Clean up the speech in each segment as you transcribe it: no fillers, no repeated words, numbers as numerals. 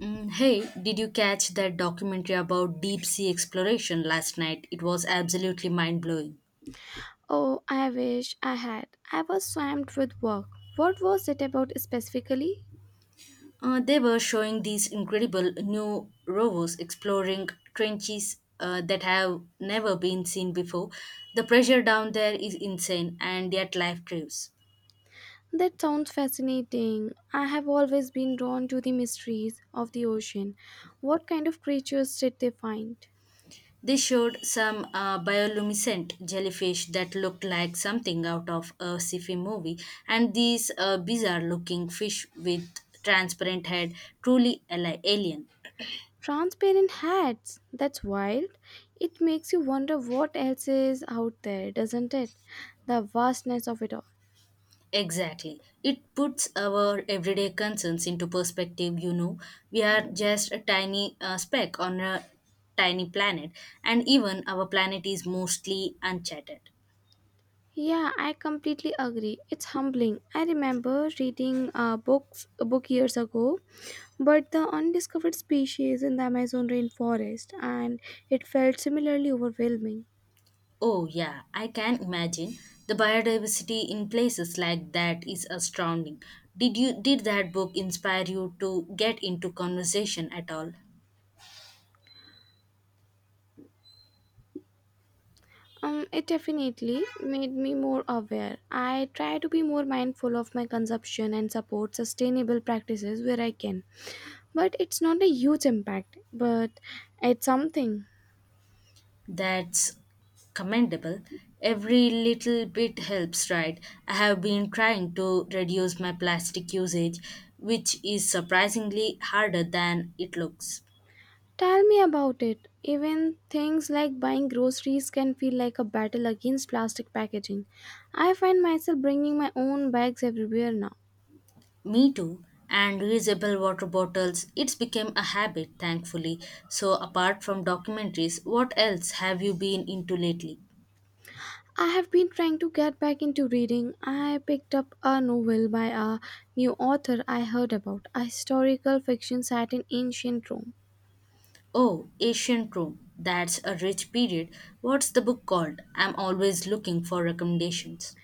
Hey, did you catch that documentary about deep sea exploration last night? It was absolutely mind blowing. Oh, I wish I had. I was swamped with work. What was it about specifically? They were showing these incredible new rovers exploring trenches that have never been seen before. The pressure down there is insane, and yet life thrives. That sounds fascinating. I have always been drawn to the mysteries of the ocean. What kind of creatures did they find? They showed some bioluminescent jellyfish that looked like something out of a sci-fi movie, and these bizarre-looking fish with transparent head, truly alien. Transparent hats. That's wild. It makes you wonder what else is out there, doesn't it? The vastness of it all. Exactly. It puts our everyday concerns into perspective. We are just a tiny speck on a tiny planet, and even our planet is mostly uncharted. Yeah, I completely agree. It's humbling. I remember reading books a book years ago but the undiscovered species in the Amazon rainforest, and it felt similarly overwhelming. Oh, yeah, I can imagine. The biodiversity in places like that is astounding. Did that book inspire you to get into conversation at all? It definitely made me more aware. I try to be more mindful of my consumption and support sustainable practices where I can. But it's not a huge impact, but it's something. That's commendable. Every little bit helps, right? I have been trying to reduce my plastic usage, which is surprisingly harder than it looks. Tell me about it. Even things like buying groceries can feel like a battle against plastic packaging. I find myself bringing my own bags everywhere now. Me too. And reusable water bottles, it's become a habit, thankfully. So, apart from documentaries, what else have you been into lately? I have been trying to get back into reading. I picked up a novel by a new author I heard about, a historical fiction set in ancient Rome. Oh, Ancient Rome. That's a rich period. What's the book called? I'm always looking for recommendations.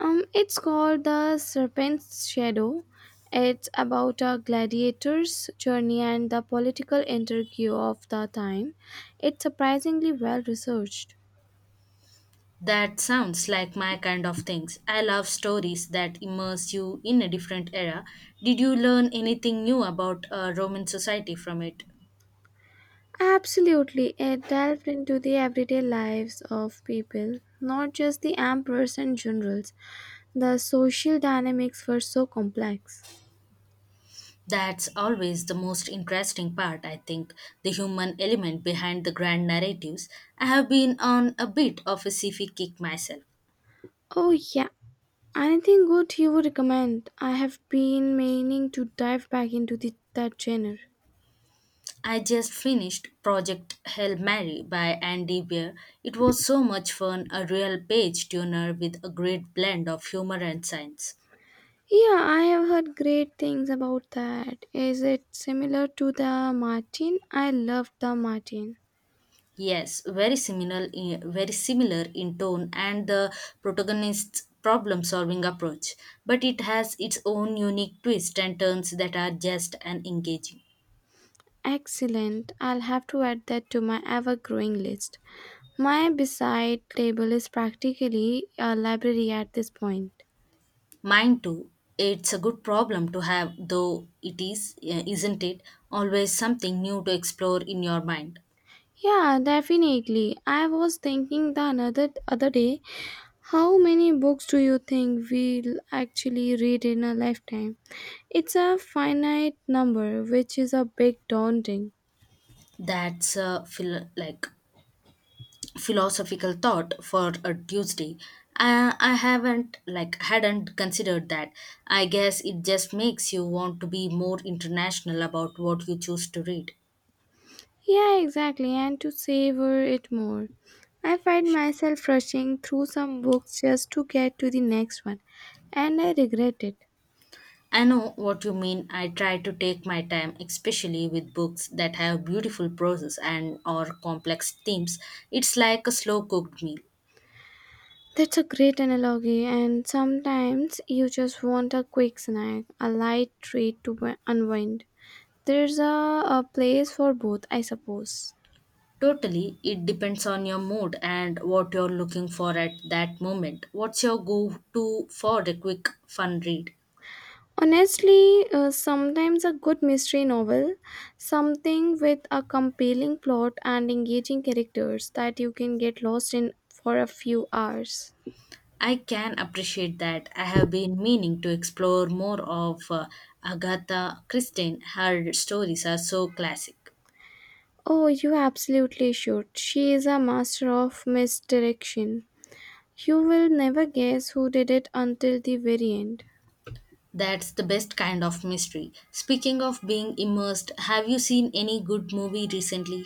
It's called The Serpent's Shadow. It's about a gladiator's journey and the political intrigue of the time. It's surprisingly well researched. That sounds like my kind of things. I love stories that immerse you in a different era. Did you learn anything new about Roman society from it? Absolutely, it delved into the everyday lives of people, not just the emperors and generals. The social dynamics were so complex. That's always the most interesting part, I think, the human element behind the grand narratives. I have been on a bit of a sci-fi kick myself. Oh, yeah. Anything good you would recommend? I have been meaning to dive back into that genre. I just finished Project Hail Mary by Andy Weir. It was so much fun, a real page turner with a great blend of humor and science. Yeah, I have heard great things about that. Is it similar to the Martin? I loved the Martin. Yes, very similar, very similar in tone and the protagonist's problem-solving approach, but it has its own unique twists and turns that are just and engaging. Excellent. I'll have to add that to my ever growing list. My beside table is practically a library at this point. Mine too. It's a good problem to have, though it is, isn't it? Always something new to explore in your mind. Yeah, definitely. I was thinking the another other day. How many books do you think we'll actually read in a lifetime? It's a finite number, which is a bit daunting. That's a philosophical thought for a Tuesday. I haven't like hadn't considered that. I guess it just makes you want to be more international about what you choose to read. Yeah, exactly, and to savor it more. I find myself rushing through some books just to get to the next one, and I regret it. I know what you mean. I try to take my time, especially with books that have beautiful prose and or complex themes. It's like a slow cooked meal. That's a great analogy, and sometimes you just want a quick snack, a light treat to unwind. There's a place for both, I suppose. Totally, it depends on your mood and what you're looking for at that moment. What's your go to for a quick fun read? Honestly, sometimes a good mystery novel, something with a compelling plot and engaging characters that you can get lost in for a few hours. I can appreciate that. I have been meaning to explore more of Agatha Christie. Her stories are so classic. Oh, you absolutely should. She is a master of misdirection. You will never guess who did it until the very end. That's the best kind of mystery. Speaking of being immersed, have you seen any good movie recently?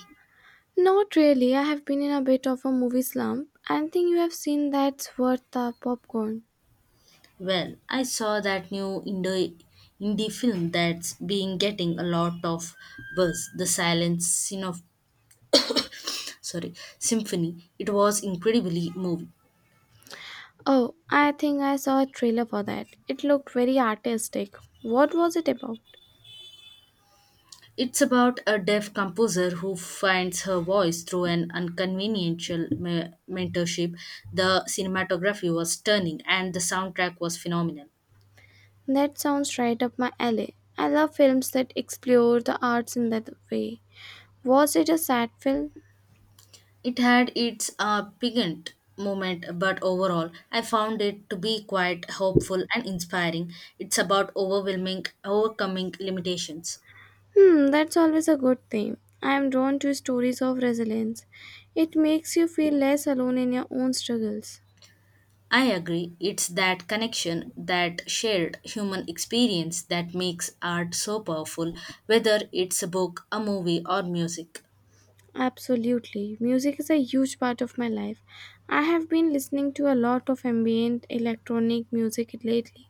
Not really. I have been in a bit of a movie slump. Anything you have seen that's worth the popcorn? Well, I saw that new indie film that's been getting a lot of buzz, The Silent Symphony. It was incredibly moving. Oh, I think I saw a trailer for that. It looked very artistic. What was it about? It's about a deaf composer who finds her voice through an unconventional mentorship. The cinematography was stunning and the soundtrack was phenomenal. That sounds right up my alley. I love films that explore the arts in that way. Was it a sad film? It had its piquant moment, but overall, I found it to be quite hopeful and inspiring. It's about overcoming limitations. Hmm, that's always a good thing. I am drawn to stories of resilience. It makes you feel less alone in your own struggles. I agree. It's that connection, that shared human experience that makes art so powerful, whether it's a book, a movie, or music. Absolutely. Music is a huge part of my life. I have been listening to a lot of ambient electronic music lately.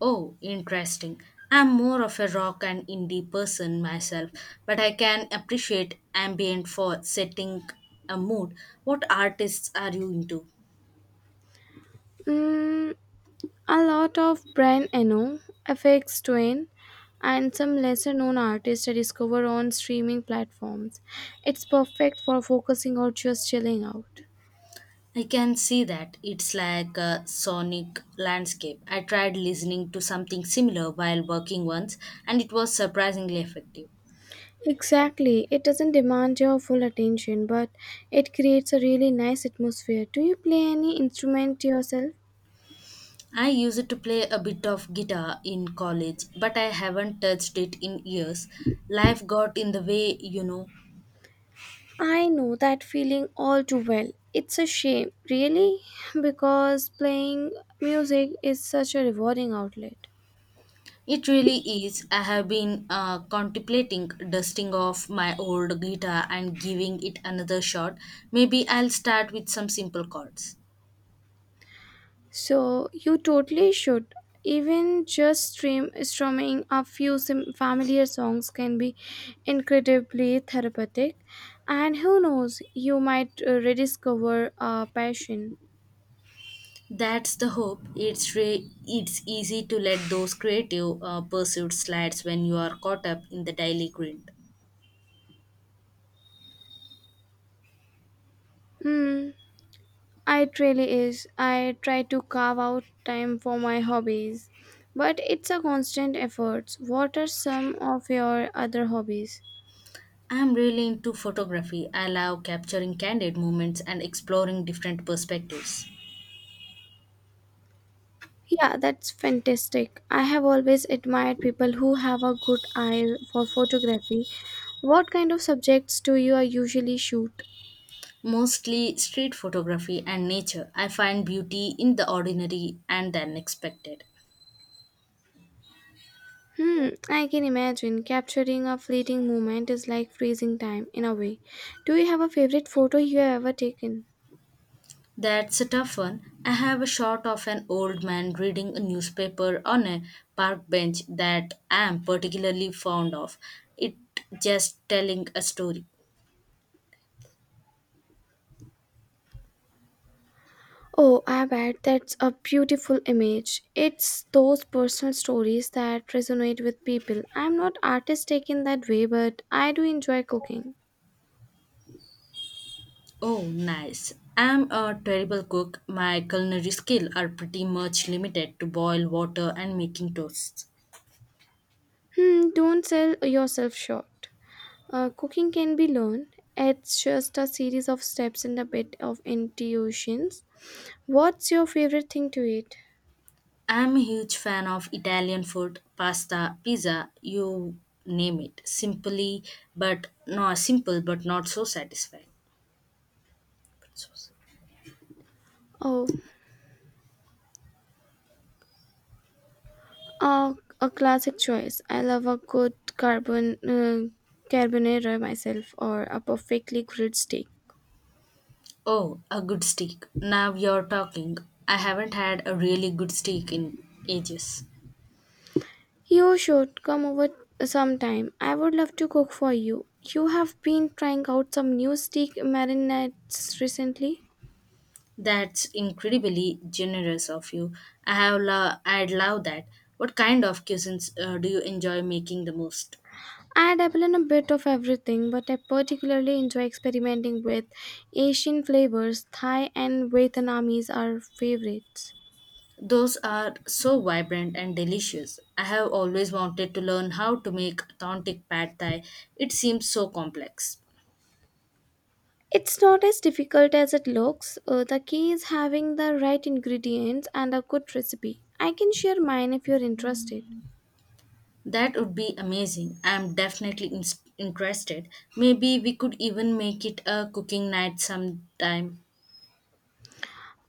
Oh, interesting. I'm more of a rock and indie person myself, but I can appreciate ambient for setting a mood. What artists are you into? Mm, a lot of Brian Eno, FX Twin, and some lesser known artists are discovered on streaming platforms. It's perfect for focusing or just chilling out. I can see that it's like a sonic landscape. I tried listening to something similar while working once, and it was surprisingly effective. Exactly, it doesn't demand your full attention, but it creates a really nice atmosphere. Do you play any instrument yourself? I used to play a bit of guitar in college, but I haven't touched it in years. Life got in the way. I know that feeling all too well. It's a shame, really, because playing music is such a rewarding outlet. It really is. I have been contemplating dusting off my old guitar and giving it another shot. Maybe I'll start with some simple chords. So you totally should. Even just stream strumming a few familiar songs can be incredibly therapeutic, and who knows, you might rediscover a passion. That's the hope. It's it's easy to let those creative pursuits slide when you are caught up in the daily grind. Hmm, it really is. I try to carve out time for my hobbies, but it's a constant effort. What are some of your other hobbies? I'm really into photography. I love capturing candid moments and exploring different perspectives. Yeah, that's fantastic. I have always admired people who have a good eye for photography. What kind of subjects do you usually shoot? Mostly street photography and nature. I find beauty in the ordinary and the unexpected. Hmm, I can imagine capturing a fleeting moment is like freezing time in a way. Do you have a favorite photo you have ever taken? That's a tough one. I have a shot of an old man reading a newspaper on a park bench that I am particularly fond of. It just telling a story. Oh, I bet that's a beautiful image. It's those personal stories that resonate with people. I'm not artistic in that way, but I do enjoy cooking. Oh, nice. I'm a terrible cook. My culinary skills are pretty much limited to boil water and making toasts. Hmm, don't sell yourself short. Cooking can be learned. It's just a series of steps and a bit of intuitions. What's your favorite thing to eat? I'm a huge fan of Italian food, pasta, pizza, you name it. Simply, but no, simple, but not so satisfying. Oh, uh, a classic choice. I love a good carbonara myself, or a perfectly grilled steak. Oh, a good steak. Now you're talking. I haven't had a really good steak in ages. You should come over sometime. I would love to cook for you. You have been trying out some new steak marinades recently. That's incredibly generous of you. I have I'd love that. What kind of cuisines do you enjoy making the most? I dabble in a bit of everything, but I particularly enjoy experimenting with Asian flavors. Thai and Vietnamese are favorites. Those are so vibrant and delicious. I have always wanted to learn how to make authentic pad thai. It seems so complex. It's not as difficult as it looks. The key is having the right ingredients and a good recipe. I can share mine if you're interested. That would be amazing. I am definitely ins interested. Maybe we could even make it a cooking night sometime.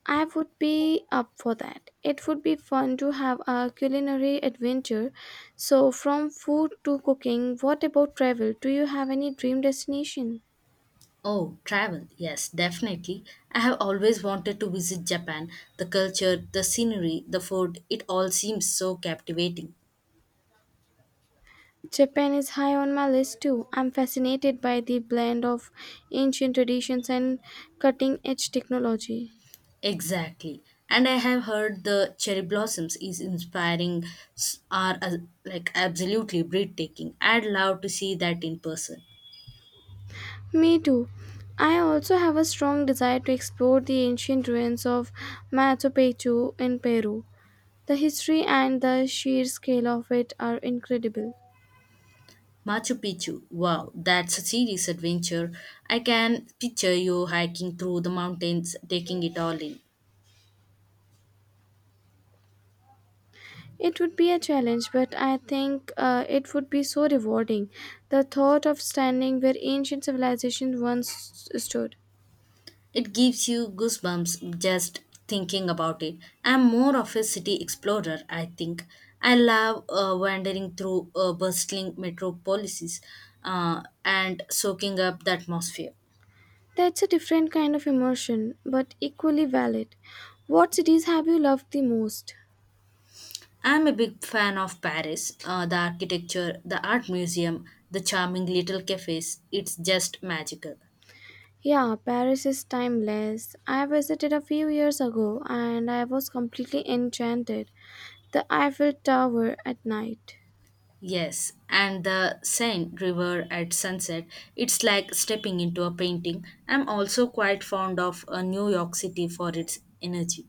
I would be up for that. It would be fun to have a culinary adventure. So, from food to cooking, what about travel? Do you have any dream destination? Oh, travel. Yes, definitely. I have always wanted to visit Japan. The culture, the scenery, the food, it all seems so captivating. Japan is high on my list too. I'm fascinated by the blend of ancient traditions and cutting edge technology. Exactly. And I have heard the cherry blossoms is inspiring, s- are like absolutely breathtaking. I'd love to see that in person. Me too. I also have a strong desire to explore the ancient ruins of Machu Picchu in Peru. The history and the sheer scale of it are incredible. Machu Picchu, wow, that's a serious adventure. I can picture you hiking through the mountains, taking it all in. It would be a challenge, but I think it would be so rewarding. The thought of standing where ancient civilization once stood. It gives you goosebumps just thinking about it. I'm more of a city explorer, I think. I love wandering through bustling metropolises and soaking up the atmosphere. That's a different kind of emotion, but equally valid. What cities have you loved the most? I'm a big fan of Paris, the architecture, the art museum, the charming little cafes. It's just magical. Yeah, Paris is timeless. I visited a few years ago and I was completely enchanted. The Eiffel Tower at night. Yes, and the Seine River at sunset, it's like stepping into a painting. I'm also quite fond of New York City for its energy.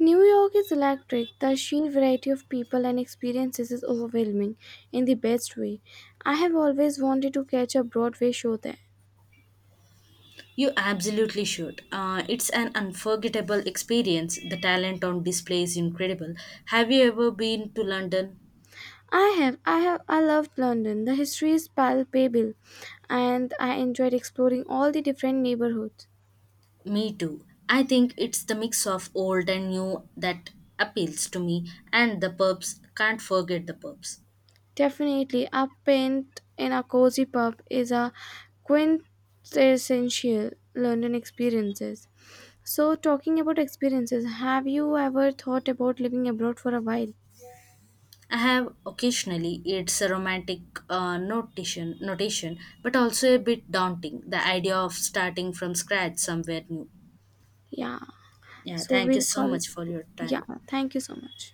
New York is electric. The sheer variety of people and experiences is overwhelming in the best way. I have always wanted to catch a Broadway show there. You absolutely should. It's an unforgettable experience. The talent on display is incredible. Have you ever been to London? I have, I loved London. The history is palpable, and I enjoyed exploring all the different neighborhoods. Me too. I think it's the mix of old and new that appeals to me, and the pubs can't forget the pubs. Definitely, a pint in a cozy pub is a quintessential London experiences. So, talking about experiences, have you ever thought about living abroad for a while? I have occasionally it's a romantic notation, but also a bit daunting. The idea of starting from scratch somewhere new. Yeah. Yeah, So thank you we'll so call. much for your time. Yeah. Thank you so much.